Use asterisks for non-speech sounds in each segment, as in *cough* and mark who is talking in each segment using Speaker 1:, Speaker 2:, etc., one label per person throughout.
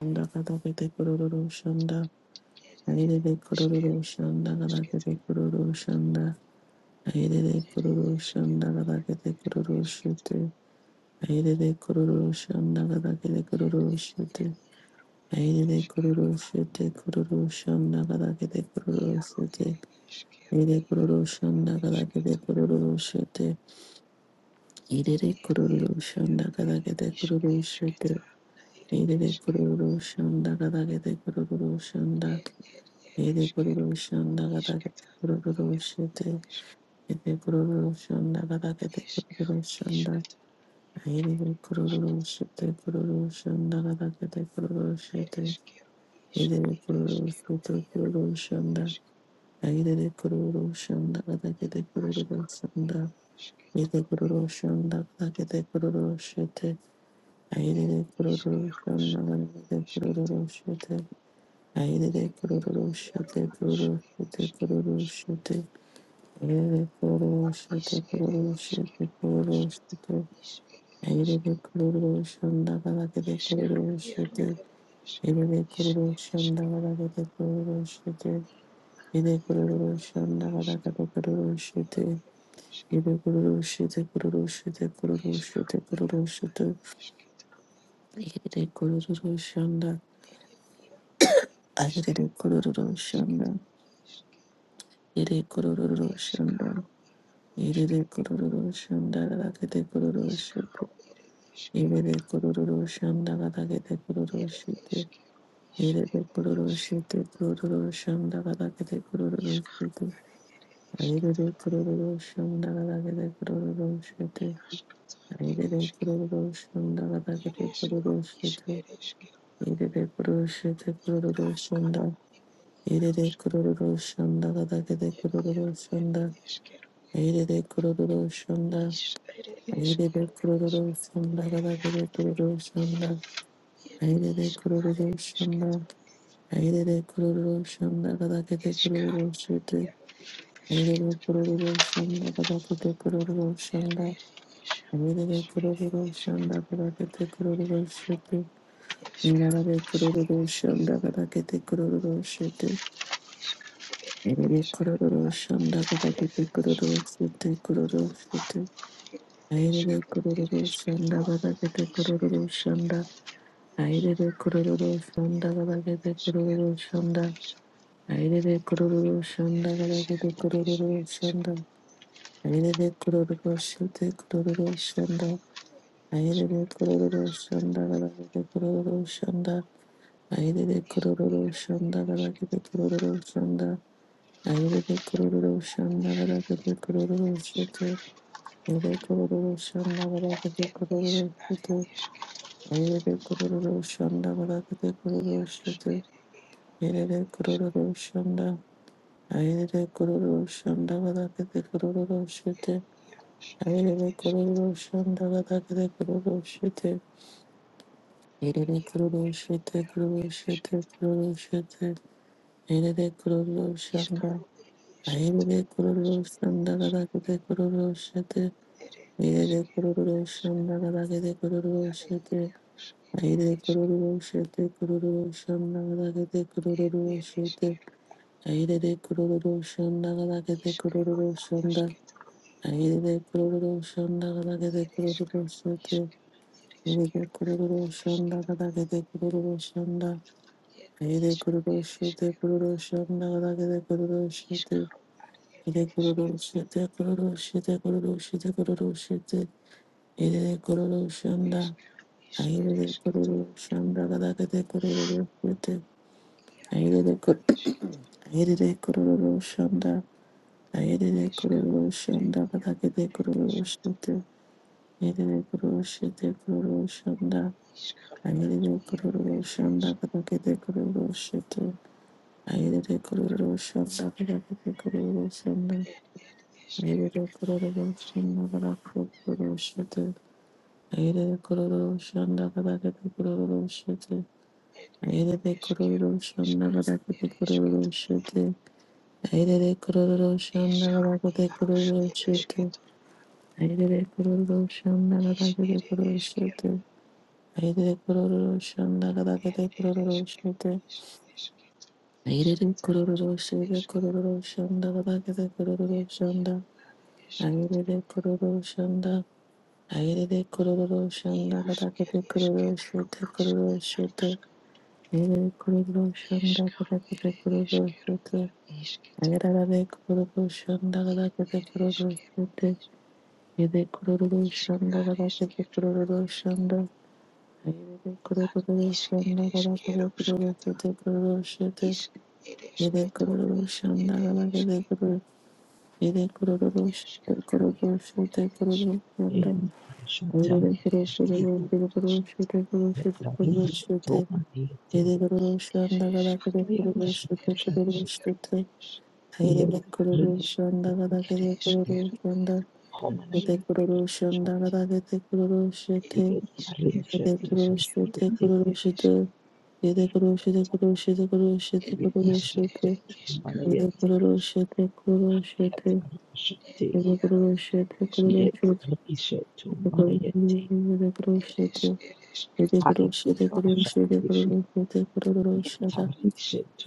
Speaker 1: Shanda kada pete kururu shanda. Airele kururu shanda kada pete kururu shanda. Airele kururu shanda kada pete kururu shite. Airele kururu shanda kada pete kururu shite. Airele kururu shite kururu shanda kada pete kururu shite. Airele kururu shanda kada pete kururu shite. Airele kururu shanda kada pete kururu shite. Airele kururu shanda kada pete kururu shanda. Yede kururu shanda gada gete kururu shete. Yede kururu shanda gada gete kururu shanda. Yede kururu shete kururu shanda gada gete kururu shete. Yede kururu shete kururu shanda. Yede kururu shanda gada gete kururu shanda. Yede kururu shanda gada gete kururu shete. Yede kururu shanda gada gete kururu shete. Yede kururu shete kururu shete kururu shete. Yere kururu şete kururu şete kururu şete. Yere de kururu şanda kala kete kururu şete. Yere de kururu şanda kala kete kururu şete. Yere kururu şanda kala kete kururu şete. Yere kururu şete kururu şete kururu şete kururu şete. Yere de Yerebe kururu shanda gada gede kururu shite. Yerebe kururu shite kururu shanda gada gede kururu shite. Yerebe kururu shanda gada gede kururu shite. Yerebe kururu shanda gada gede kururu shite. Yerebe kururu shite kururu shanda. Yerebe kururu shanda gada gede kururu shanda. Yerebe kururu shanda. Yerebe kururu shanda gada gede kururu shanda. Airere kururu shanda, airere kururu shanda kada kete kururu shite, airere kururu shanda kada kete kururu shanda, airere kururu shanda kada kete kururu shite, inarare kururu shanda kada kete kururu shite, airere kururu shanda kada kete kururu shite kururu shite, airere kururu shanda kada kete kururu shanda, airere kururu shanda kada kete kururu shanda. Aire de kururu shanda garagara de kururu shanda. Aire de kururu shite kururu shanda. Aire de kururu shanda garagara de kururu shanda. Aire de kururu shanda garagara de kururu shanda. Aire de kururu shanda garagara de kururu shite. Aire de kururu shanda garagara de kururu shite. Aire de kururu shanda garagara de kururu shite. Aire de kururu shanda. Aire kororo shanda gada kete kororo shete. Aire kororo shanda gada kete kororo shete. Aire kororo shete kororo shete kororo shete. Aire kororo shanda. Aire kororo shanda gada kete kororo shete. Aire kororo shanda gada kete kororo shete. Aire kororo shete kororo shanda gada kete kororo shete. Aire kororo shanda gada kete kororo shanda. Aire kururu shonda kada kete kururu shete. Aire kururu shonda kada kete kururu shonda. Aire kururu shete kururu shonda kada kete kururu shete. Aire kururu shete kururu shete kururu shete kururu shete. Aire kururu shonda. Aire kururu shonda kada kete kururu shete. Aire kur aire kururu shonda. Aire kururu shonda kada kete kururu shete. Yedede kuru shete kuru shanda. Ayedede kuru shanda kadakete kuru shete. Ayedede kuru shanda kadakete kuru shanda. Ayedede kuru shanda kadakete kuru shete. Ayedede kuru shanda kadakete kuru shete. Ayedede kuru shanda kadakete kuru shete. Ayedede kuru shanda kadakete kuru shete. Ayedede kuru shanda kadakete kuru shete. Aire kororo shanda kada kete kororo shite. Aire kororo shite kororo shanda kada kete kororo shanda. Aire kororo shanda. Aire kororo shanda kada kete kororo shite kororo shite. Aire kororo shanda kada kete kororo shite. Aire kororo shanda kada kete kororo shite. Aire kororo shanda kada kete kororo shanda. Yere kururu şandara kuru kuru şete kururu şete yere kururu şandara yere kuru yere kururu şete kururu şete kururu
Speaker 2: Yet,
Speaker 1: şandara yere kuru kuru kuru kuru şete kuru şete kururu
Speaker 2: Yetarisha to
Speaker 1: şete
Speaker 2: Manayeti,
Speaker 1: yere kururu şandara kuru kuru şete kururu şete yere kururu şandara yere kururu şandara yere kururu şandara yere kururu şete yere kururu şete kururu şete Shete kuro shete kuro shete kuro shete kuro shete shete kuro shete kuro shete shete kuro shete kuro shete shete kuro shete shete kuro shete kuro shete kuro shete kuro shete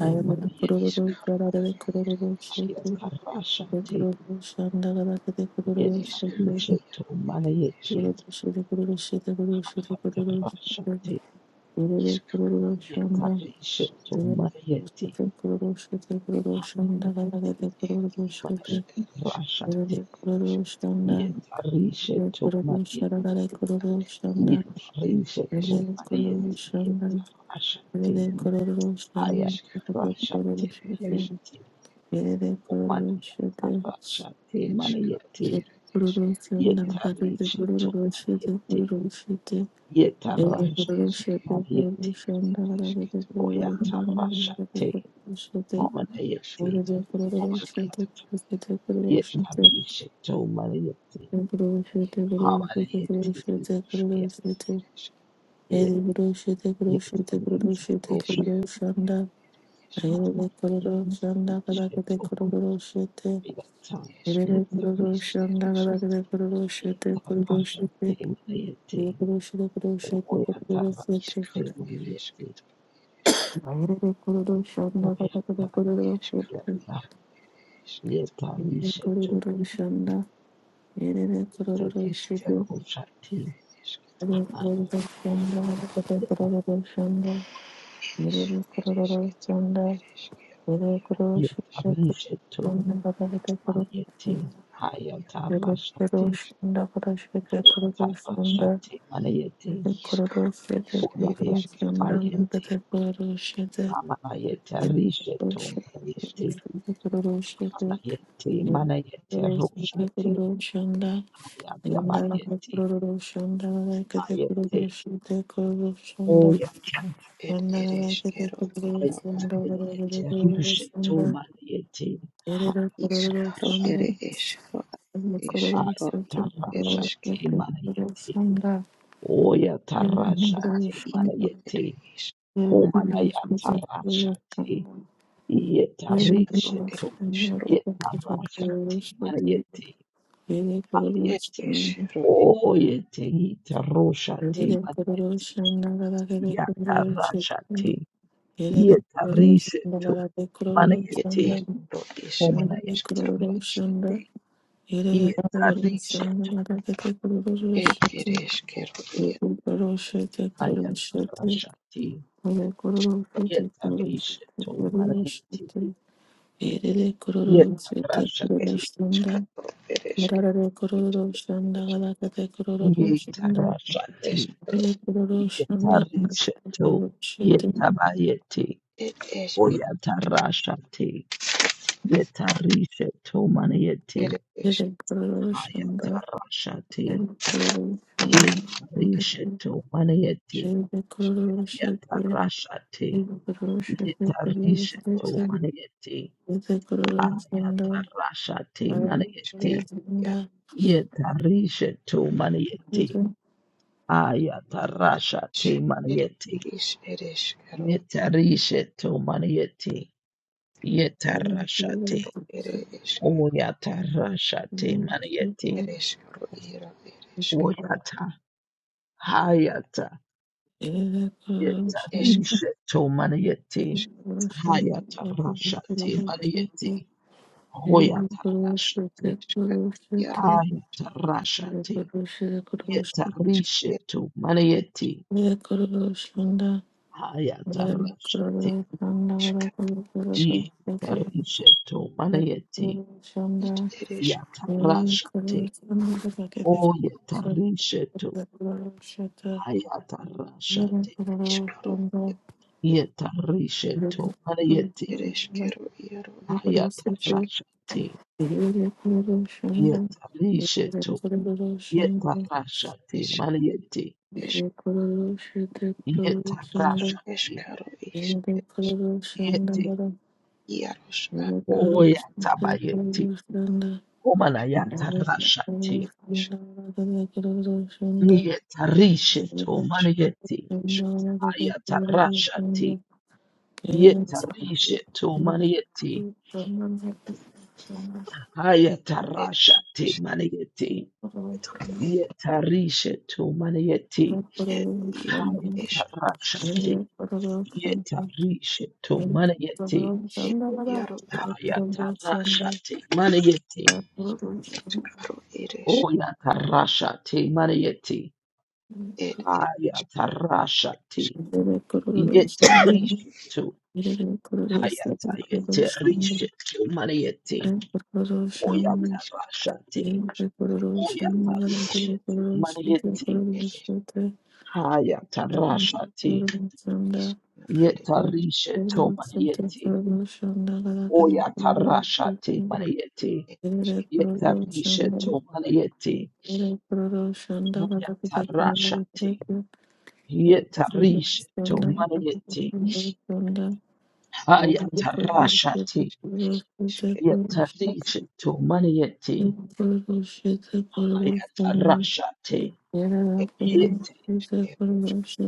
Speaker 1: ayamana kuro shara re kuro shete
Speaker 2: Ayatarasha te
Speaker 1: kuro shanda gara kete kuro shete
Speaker 2: Yetarishetu manayeti.
Speaker 1: kuro shete kuro shete kuro shete kuro shete
Speaker 2: Yatarashati.
Speaker 1: Shanda,
Speaker 2: Yetarishetu manayeti. Hamanayeti. Manayatarashati. Yetarishetu manayeti. Yetarishetu manayeti. Yetarashati. Hayatarashati manayeti. Omanayatarashati manayeti. Yetarishetu manayeti. Yetarashati manayeti. Oyatarashate
Speaker 1: Ora
Speaker 2: Homanayeti
Speaker 1: de kororo shete
Speaker 2: Homanayeti
Speaker 1: shete kororo shete
Speaker 2: Yetarisheto Manayeti
Speaker 1: kororo shete kororo
Speaker 2: Hamanayeti
Speaker 1: shete kororo shete kororo shete eri kororo shete kororo shete kororo
Speaker 2: Yetariti
Speaker 1: shete kororo
Speaker 2: Roshati
Speaker 1: Shanda, eri de kororo shanda kada kete
Speaker 2: Hayatarisheto
Speaker 1: kororo shete
Speaker 2: Hayata
Speaker 1: eri de kororo shanda
Speaker 2: Yetarisheto
Speaker 1: kada kete kororo shete kororo shete
Speaker 2: Yetarashate Manayeti
Speaker 1: eri kororo shete kororo shete kororo shete eri
Speaker 2: Oyatarashate Manayeti
Speaker 1: de kororo shanda kada kete
Speaker 2: Oyata
Speaker 1: kororo shete eri
Speaker 2: Yeta
Speaker 1: de
Speaker 2: Yetarisheto
Speaker 1: kororo shanda eri de kororo shete
Speaker 2: Yetarisheto Roshati
Speaker 1: Shanda,
Speaker 2: Yetarishetu Manayeti Hayatarashati Hayatarashati Manayeti Hunayatabayeti Hamanayetarishetu Manayeti Hanayeti Manayeti Rushati
Speaker 1: Yandala
Speaker 2: Hayatabayeti
Speaker 1: Kururu Shanda, Kete
Speaker 2: Hayati
Speaker 1: Kururu Shite Kururu Shanda,
Speaker 2: Oyata
Speaker 1: Yere
Speaker 2: Hayatabayeti Rushetu Manayeti Hayatarashati Ayatarashati Manayeti Oya tarashate manayete homanaya tarashate yetarisheto yetarashate manayete ayete oyete yitaroshate manayete yatarashate yetarisheto manayete
Speaker 1: Microerosion
Speaker 2: homanaya tarashate
Speaker 1: Yerere kurulur seni
Speaker 2: yetarisheto
Speaker 1: harekete kurulur şeti kurulur şeti kurulur şeti
Speaker 2: ayatarashate
Speaker 1: yere kurulur şeti kurulur şeti
Speaker 2: yetarisheto
Speaker 1: kurulur
Speaker 2: manayete
Speaker 1: şeti yerere kurulur şeti kurulur
Speaker 2: yetarashate
Speaker 1: şunda yerere kurulur şunda harekete kurulur şunda
Speaker 2: Yetarashate,
Speaker 1: yere kurulur şunda harekete
Speaker 2: yetarisheto,
Speaker 1: kurulur şeti
Speaker 2: yetabayete, oyatarashate, yetarisheto manayete,
Speaker 1: yere kurulur şunda yere
Speaker 2: hayatarashate,
Speaker 1: kurulun sonuna kadar
Speaker 2: yetarisheto manayete,
Speaker 1: kurulur şunda yere kurulun sonuna
Speaker 2: hayatarashate,
Speaker 1: kadar kurulur şeti yere kurulur
Speaker 2: yetarisheto
Speaker 1: şeti kurulur şeti
Speaker 2: manayete,
Speaker 1: Shanda,
Speaker 2: hayatarashate manayete, yetarisheto manayete, hayatarashate manayete, Yetarisheto manieti. Yetarashate. Oyatarashate manieti. Oyata. Hayata. Yetarisheto manieti. Hayatarashate manieti. Hoyatarashate. Hayatarashate. Yetarisheto manieti. Hayatarashate. Yetarisheto manieti. Yatarashate. O
Speaker 1: Shanda,
Speaker 2: yetarishetu hayatarashati yetarishetu hayeti hayatarashati yetarishetu yetarashati maliyeti yetarashati yeti oyatabayeti omanayatarashati yetarishetu maliyeti hayatarashati yetarishetu
Speaker 1: Thank
Speaker 2: maliyeti hayatarashati maliyeti Yetarisha to manayeti. Hayatarashati. Yetarisha to manayeti. Hayatarashati. Manayeti.
Speaker 1: you.
Speaker 2: Oyatarashati. Manayeti. Hayatarashati. Yetarisha to. Hayatayetarisha to manayeti. Oyatarashati. Oyatarisha to manayeti. Hayatarashati.
Speaker 1: Thank you.
Speaker 2: Yetarisha to manayeti. Oya tarasha te manayete. Yetarisha to manayete. Oya tarasha te. Yetarisha to manayete. Aya tarasha te. Yetarisha to manayete. Aya tarasha te. Yete.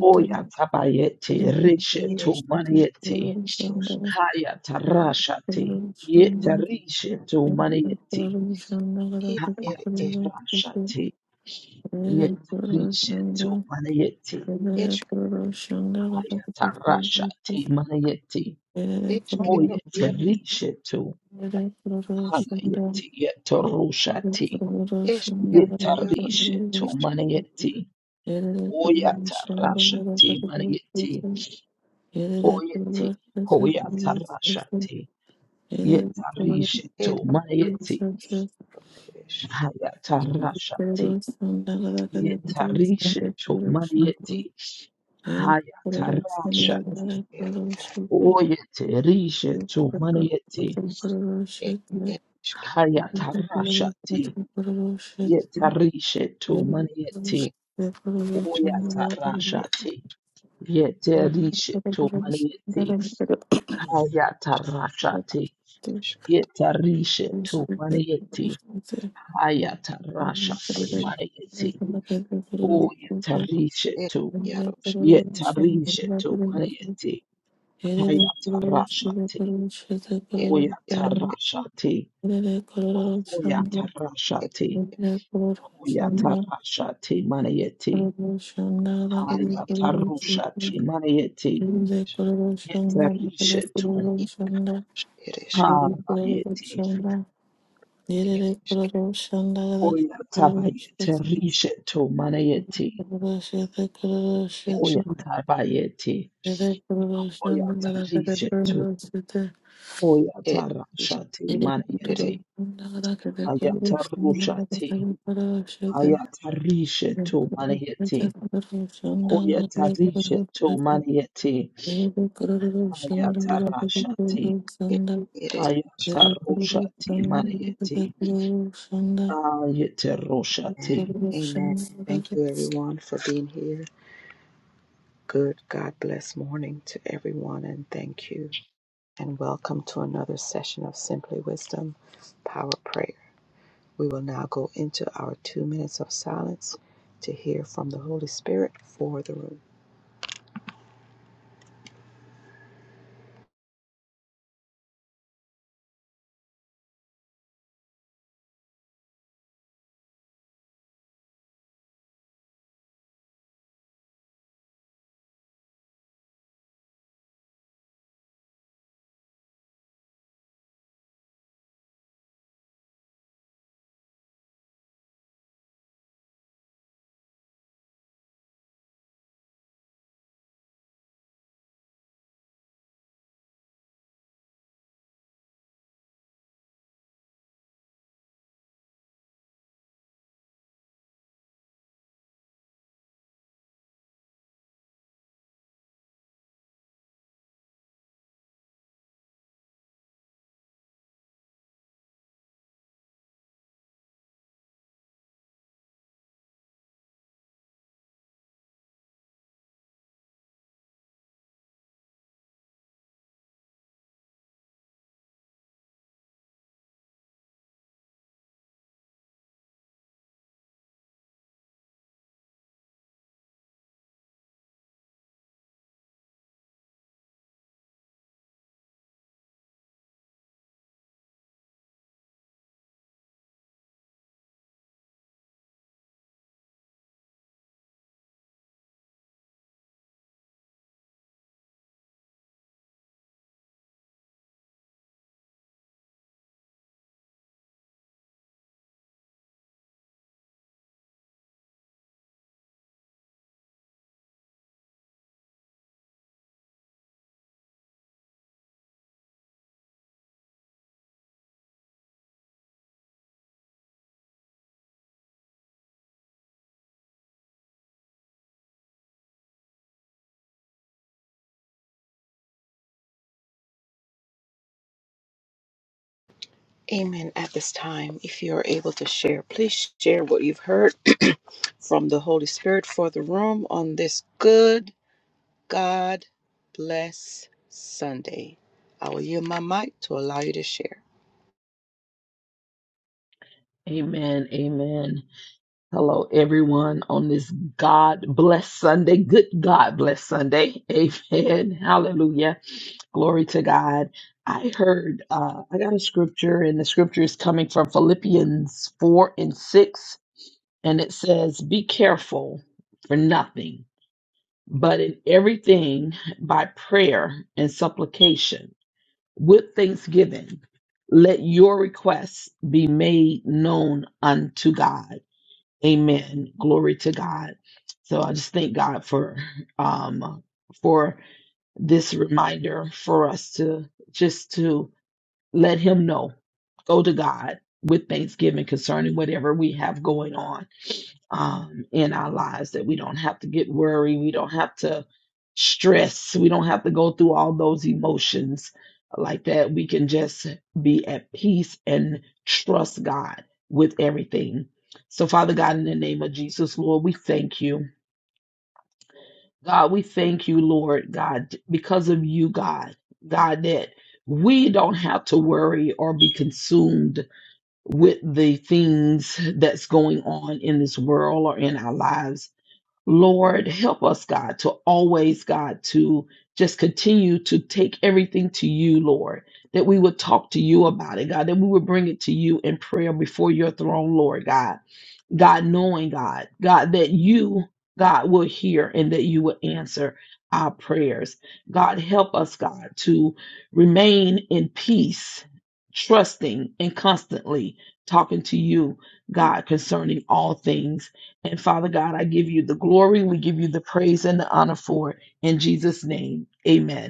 Speaker 2: Oya tabayete. Risha to manayete. Haya tarasha te. Yetarisha to
Speaker 1: Thank you.
Speaker 2: manayete. Hayatarashati yetarishe tu manayeti. Hayatarashati manayeti. Hoyetarishe tu hanayeti yetarushati. Yetarishe tu manayeti. Hoyatarashati manayeti. Hoyeti. Hoyatarashati. Yetarishe tu manayeti. Hayatarashati. Yetarishe tu manayeti.
Speaker 1: Thank
Speaker 2: Hayatarashati. Oyete rishe tu manieti. Hayatarashati. Yetarishe tu manieti. Oyatarashati. Yeterishe tu manieti. Hayatarashati. Yetarishe tu manieti. Hayatarashati manieti. Oyetarishe tu. Yetarishe tu manieti. Hayatarashati. Hoya
Speaker 1: you.
Speaker 2: tarashati,
Speaker 1: Lele kororo shanda,
Speaker 2: Hoyatarashati,
Speaker 1: lele kororo shanda,
Speaker 2: Hoyatarashati Manayeti,
Speaker 1: kororo shanda, lele kororo shanda,
Speaker 2: Hayatarushati Manayeti,
Speaker 1: lele kororo shanda, lele
Speaker 2: Yetarishetu,
Speaker 1: kororo shanda, lele kororo
Speaker 2: Habayeti,
Speaker 1: shanda, lele kororo shanda, lele kororo shanda,
Speaker 2: Hoyatabayeterishetu Manayeti,
Speaker 1: kororo shete, kororo shete,
Speaker 2: Hoyatabayeti,
Speaker 1: lele kororo shanda, lele kororo shete, lele kororo shanda, lele
Speaker 2: Hoyatarishetu,
Speaker 1: kororo shanda, lele
Speaker 2: Hoyatarashati Manayeti, Hayatarushati,
Speaker 1: kororo shete. Amen.
Speaker 2: Hayatarishetu Manayeti, Hoyatarishetu Manayeti, Ayatarashati, Hayataroshati, Marieti, Ayataroshati. Amen, amen. Hello, everyone, on this God bless Sunday. Good God bless Sunday. *laughs* Amen. Hallelujah. Glory to God. I heard, uh, I got a scripture, and the scripture is coming from Philippians 4 and 6, and it says, Be careful for nothing but in everything by prayer and supplication with thanksgiving let your requests be made known unto god amen glory to god so i just thank god for um for this reminder for us to just to let him know go to god with thanksgiving concerning whatever we have going on um, in our lives that we don't have to get worried, we don't have to stress, we don't have to go through all those emotions like that. We can just be at peace and trust God with everything. So, Father God, in the name of Jesus, Lord, we thank you. God, we thank you, Lord God, because of you, God, God, that we don't have to worry or be consumed with the things that's going on in this world or in our lives Lord, help us, God, to always, God, to just continue to take everything to you, Lord, that we would talk to you about it, God, that we would bring it to you in prayer before your throne, Lord, God. God, knowing, God, God, that you, God, will hear and that you will answer our prayers. God, help us, God, to remain in peace, trusting and constantly talking to you, God, concerning all things. And Father God, I give you the glory. We give you the praise and the honor for it. In Jesus' name, amen.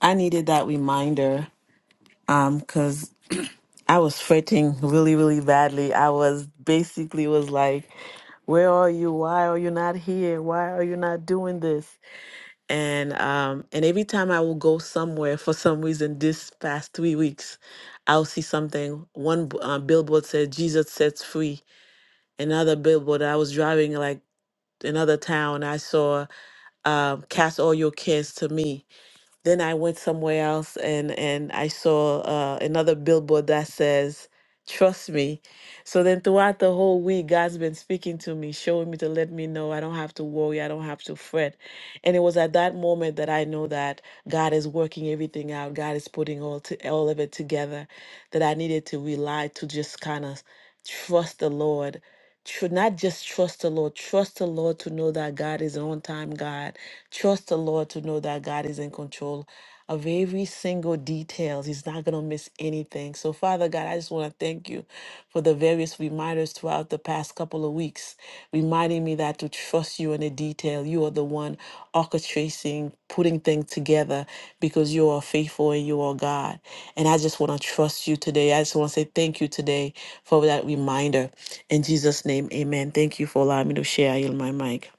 Speaker 1: I needed that reminder um cuz I was fretting really really badly. I was basically was like, "Where are you? Why are you not here? Why are you not doing this?" and um and every time I will go somewhere for some reason this past three weeks, I'll see something. One b- uh, billboard said Jesus sets free. Another billboard I was driving like another town I saw um, cast all your cares to me then I went somewhere else and and I saw uh, another billboard that says, "Trust me." So then throughout the whole week, God's been speaking to me, showing me to let me know I don't have to worry, I don't have to fret. And it was at that moment that I know that God is working everything out. God is putting all to, all of it together. That I needed to rely to just kind of trust the Lord. Tr- not just trust the Lord, trust the Lord to know that God is an on time God Trust the Lord to know that God is in control of every single details. He's not going to miss anything. So Father God, I just want to thank you for the various reminders throughout the past couple of weeks, reminding me that to trust you in the detail. You are the one orchestrating, putting things together because you are faithful and you are God. And I just want to trust you today. I just want to say thank you today for that reminder. In Jesus' name, amen. Thank you for allowing me to share. I yield my mic.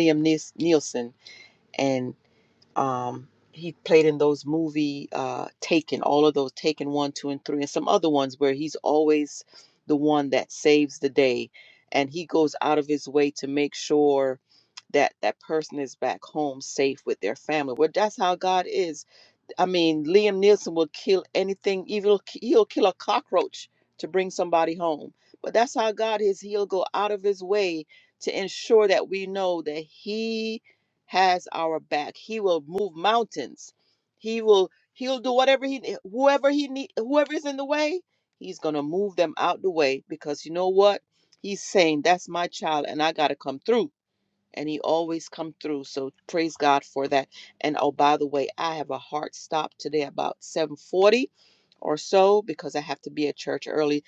Speaker 3: Liam Nis- Nielsen, and um, he played in those movie uh, Taken, all of those Taken one, two, and three, and some other ones where he's always the one that saves the day, and he goes out of his way to make sure that that person is back home safe with their family. Well, that's how God is. I mean, Liam Nielsen will kill anything. Even he'll kill a cockroach to bring somebody home. But that's how God is. He'll go out of his way to ensure that we know that He has our back. He will move mountains. He will. He'll do whatever he, whoever he need, whoever is in the way, he's gonna move them out the way because you know what? He's saying that's my child, and I gotta come through and he always come through so praise god for that and oh by the way i have a hard stop today about 7.40 or so because i have to be at church early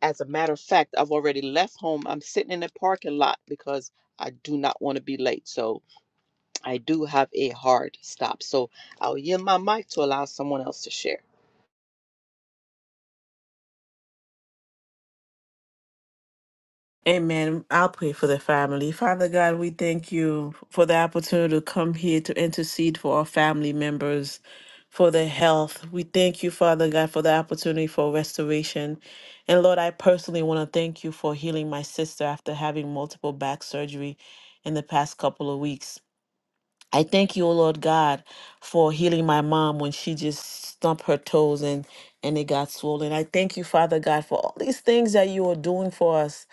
Speaker 3: as a matter of fact i've already left home i'm sitting in the parking lot because i do not want to be late so i do have a hard stop so i'll yield my mic to allow someone else to share
Speaker 1: Amen. I'll pray for the family. Father God, we thank you for the opportunity to come here to intercede for our family members, for their health. We thank you, Father God, for the opportunity for restoration. And Lord, I personally want to thank you for healing my sister after having multiple back surgery in the past couple of weeks. I thank you, O Lord God, for healing my mom when she just stumped her toes and and it got swollen. I thank you, Father God, for all these things that you are doing for us.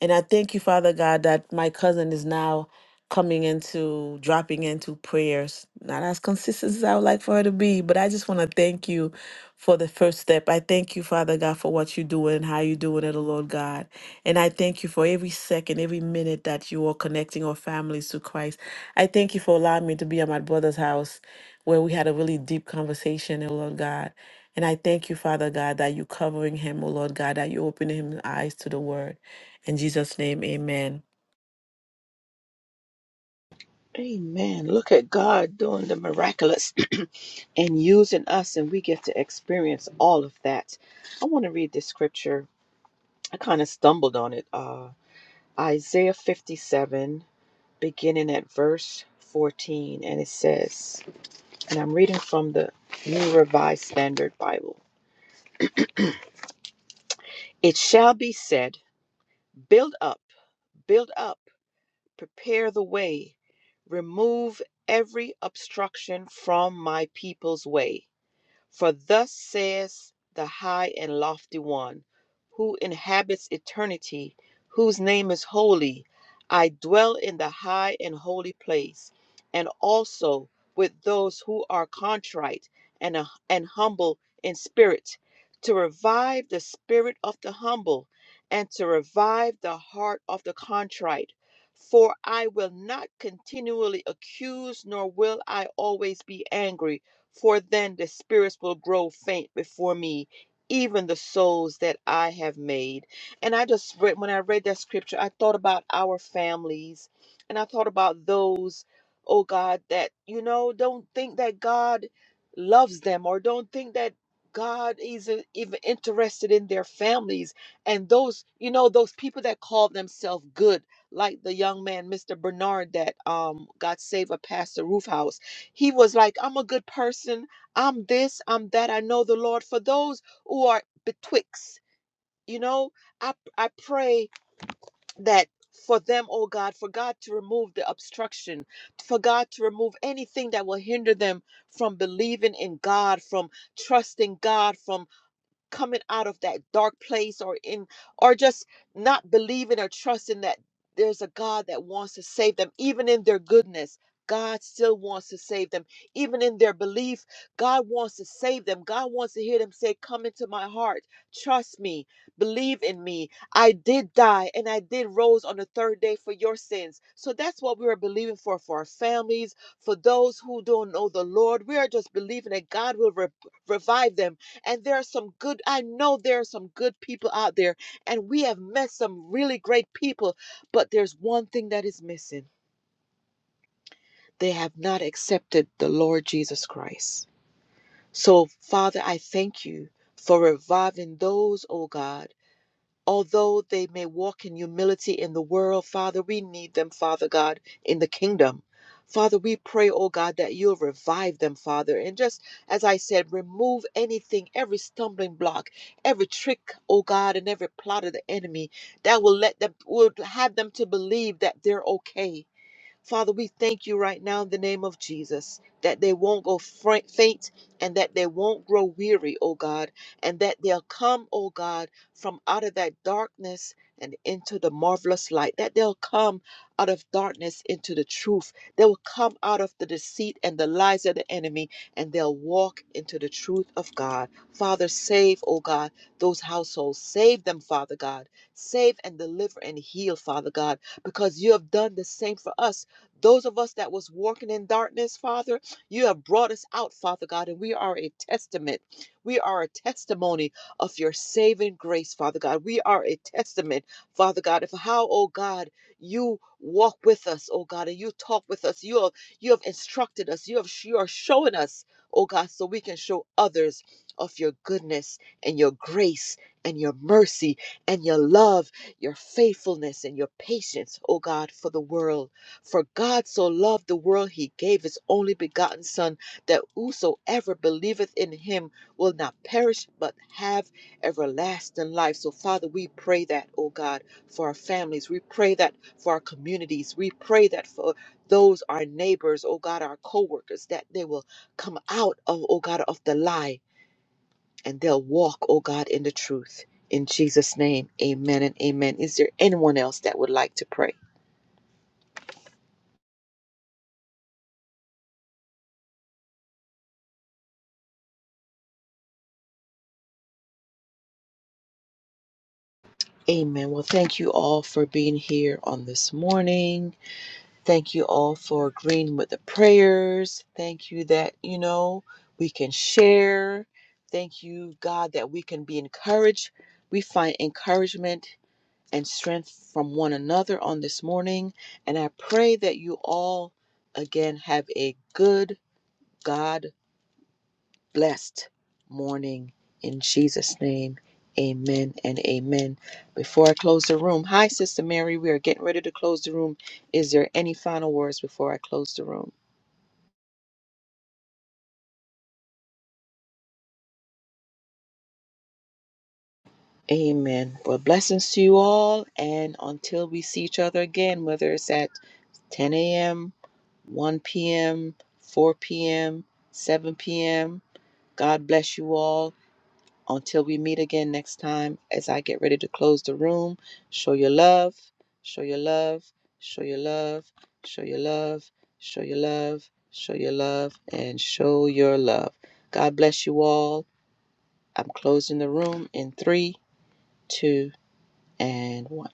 Speaker 1: And I thank you, Father God, that my cousin is now coming into dropping into prayers. Not as consistent as I would like for her to be, but I just want to thank you for the first step. I thank you, Father God, for what you're doing, how you're doing it, O Lord God. And I thank you for every second, every minute that you are connecting our families to Christ. I thank you for allowing me to be at my brother's house where we had a really deep conversation, oh Lord God. And I thank you, Father God, that you covering him, oh Lord God, that you opening him eyes to the word. In Jesus' name, amen.
Speaker 3: man look at god doing the miraculous *clears throat* and using us and we get to experience all of that i want to read this scripture I kind of stumbled on it. Uh, Isaiah 57, beginning at verse 14, and it says, and I'm reading from the New Revised Standard Bible It shall be said, Build up, build up, prepare the way, remove every obstruction from my people's way. For thus says the high and lofty one, who inhabits eternity, whose name is holy, I dwell in the high and holy place, and also with those who are contrite and, uh, and humble in spirit, to revive the spirit of the humble, and to revive the heart of the contrite. For I will not continually accuse, nor will I always be angry for then the spirits will grow faint before me, even the souls that I have made. And I just read, when I read that scripture, I thought about our families and I thought about those, oh God, that, you know, don't think that God loves them or don't think that God isn't even interested in their families and those, you know, those people that call themselves good, like the young man, Mr. Bernard, that um, got saved at Pastor Roofhouse. He was like, I'm a good person. I'm this, I'm that. I know the Lord. For those who are betwixt, you know, I, I pray that for them, oh God, for God to remove the obstruction, for God to remove anything that will hinder them from believing in God, from trusting God, from coming out of that dark place or in or just not believing or trusting that there's a God that wants to save them even in their goodness. God still wants to save them. Even in their belief, God wants to save them. God wants to hear them say, Come into my heart. Trust me. Believe in me. I did die and I did rose on the third day for your sins. So that's what we are believing for for our families, for those who don't know the Lord. We are just believing that God will re- revive them and there are some good, I know there are some good people out there, and we have met some really great people, but there's one thing that is missing. They have not accepted the Lord Jesus Christ. So, Father, I thank you for reviving those, oh God although they may walk in humility in the world, Father, we need them, Father God, in the kingdom. Father, we pray, oh God, that you'll revive them, Father. And just as I said, remove anything, every stumbling block, every trick, oh God, and every plot of the enemy that will let them, will have them to believe that they're okay Father, we thank you right now in the name of Jesus that they won't go fra- faint and that they won't grow weary, oh God, and that they'll come, oh God, from out of that darkness and into the marvelous light, that they'll come out of darkness into the truth. They will come out of the deceit and the lies of the enemy and they'll walk into the truth of God. Father, save, oh God, those households. Save them, Father God. Save and deliver and heal, Father God, because you have done the same for us those of us that was walking in darkness, Father, you have brought us out, Father God, and we are a testament. We are a testimony of your saving grace, Father God. We are a testament, Father God, of how, oh God, you walk with us, oh God, and you talk with us. You have you have instructed us. You have you are showing us, oh God, so we can show others of your goodness and your grace and your mercy and your love, your faithfulness and your patience, oh God, for the world. For God so loved the world, he gave his only begotten Son, that whosoever believeth in him will not perish, but have everlasting life. So, Father, we pray that, oh God, for our families. We pray that for our communities. We pray that for those, our neighbors, oh God, our co workers, that they will come out of, oh God, of the lie and they'll walk, oh God, in the truth. In Jesus' name, amen and amen. Is there anyone else that would like to pray? Amen. Well, thank you all for being here on this morning. Thank you all for agreeing with the prayers. Thank you that, you know, we can share. Thank you, God, that we can be encouraged. We find encouragement and strength from one another on this morning. And I pray that you all, again, have a good, God blessed morning in Jesus' name. Amen and amen. Before I close the room, hi, Sister Mary. We are getting ready to close the room. Is there any final words before I close the room? Amen. Well, blessings to you all. And until we see each other again, whether it's at 10 a.m., 1 p.m., 4 p.m., 7 p.m., God bless you all. Until we meet again next time, as I get ready to close the room, show your love, show your love, show your love, show your love, show your love, show your love, and show your love. God bless you all. I'm closing the room in three, two, and one.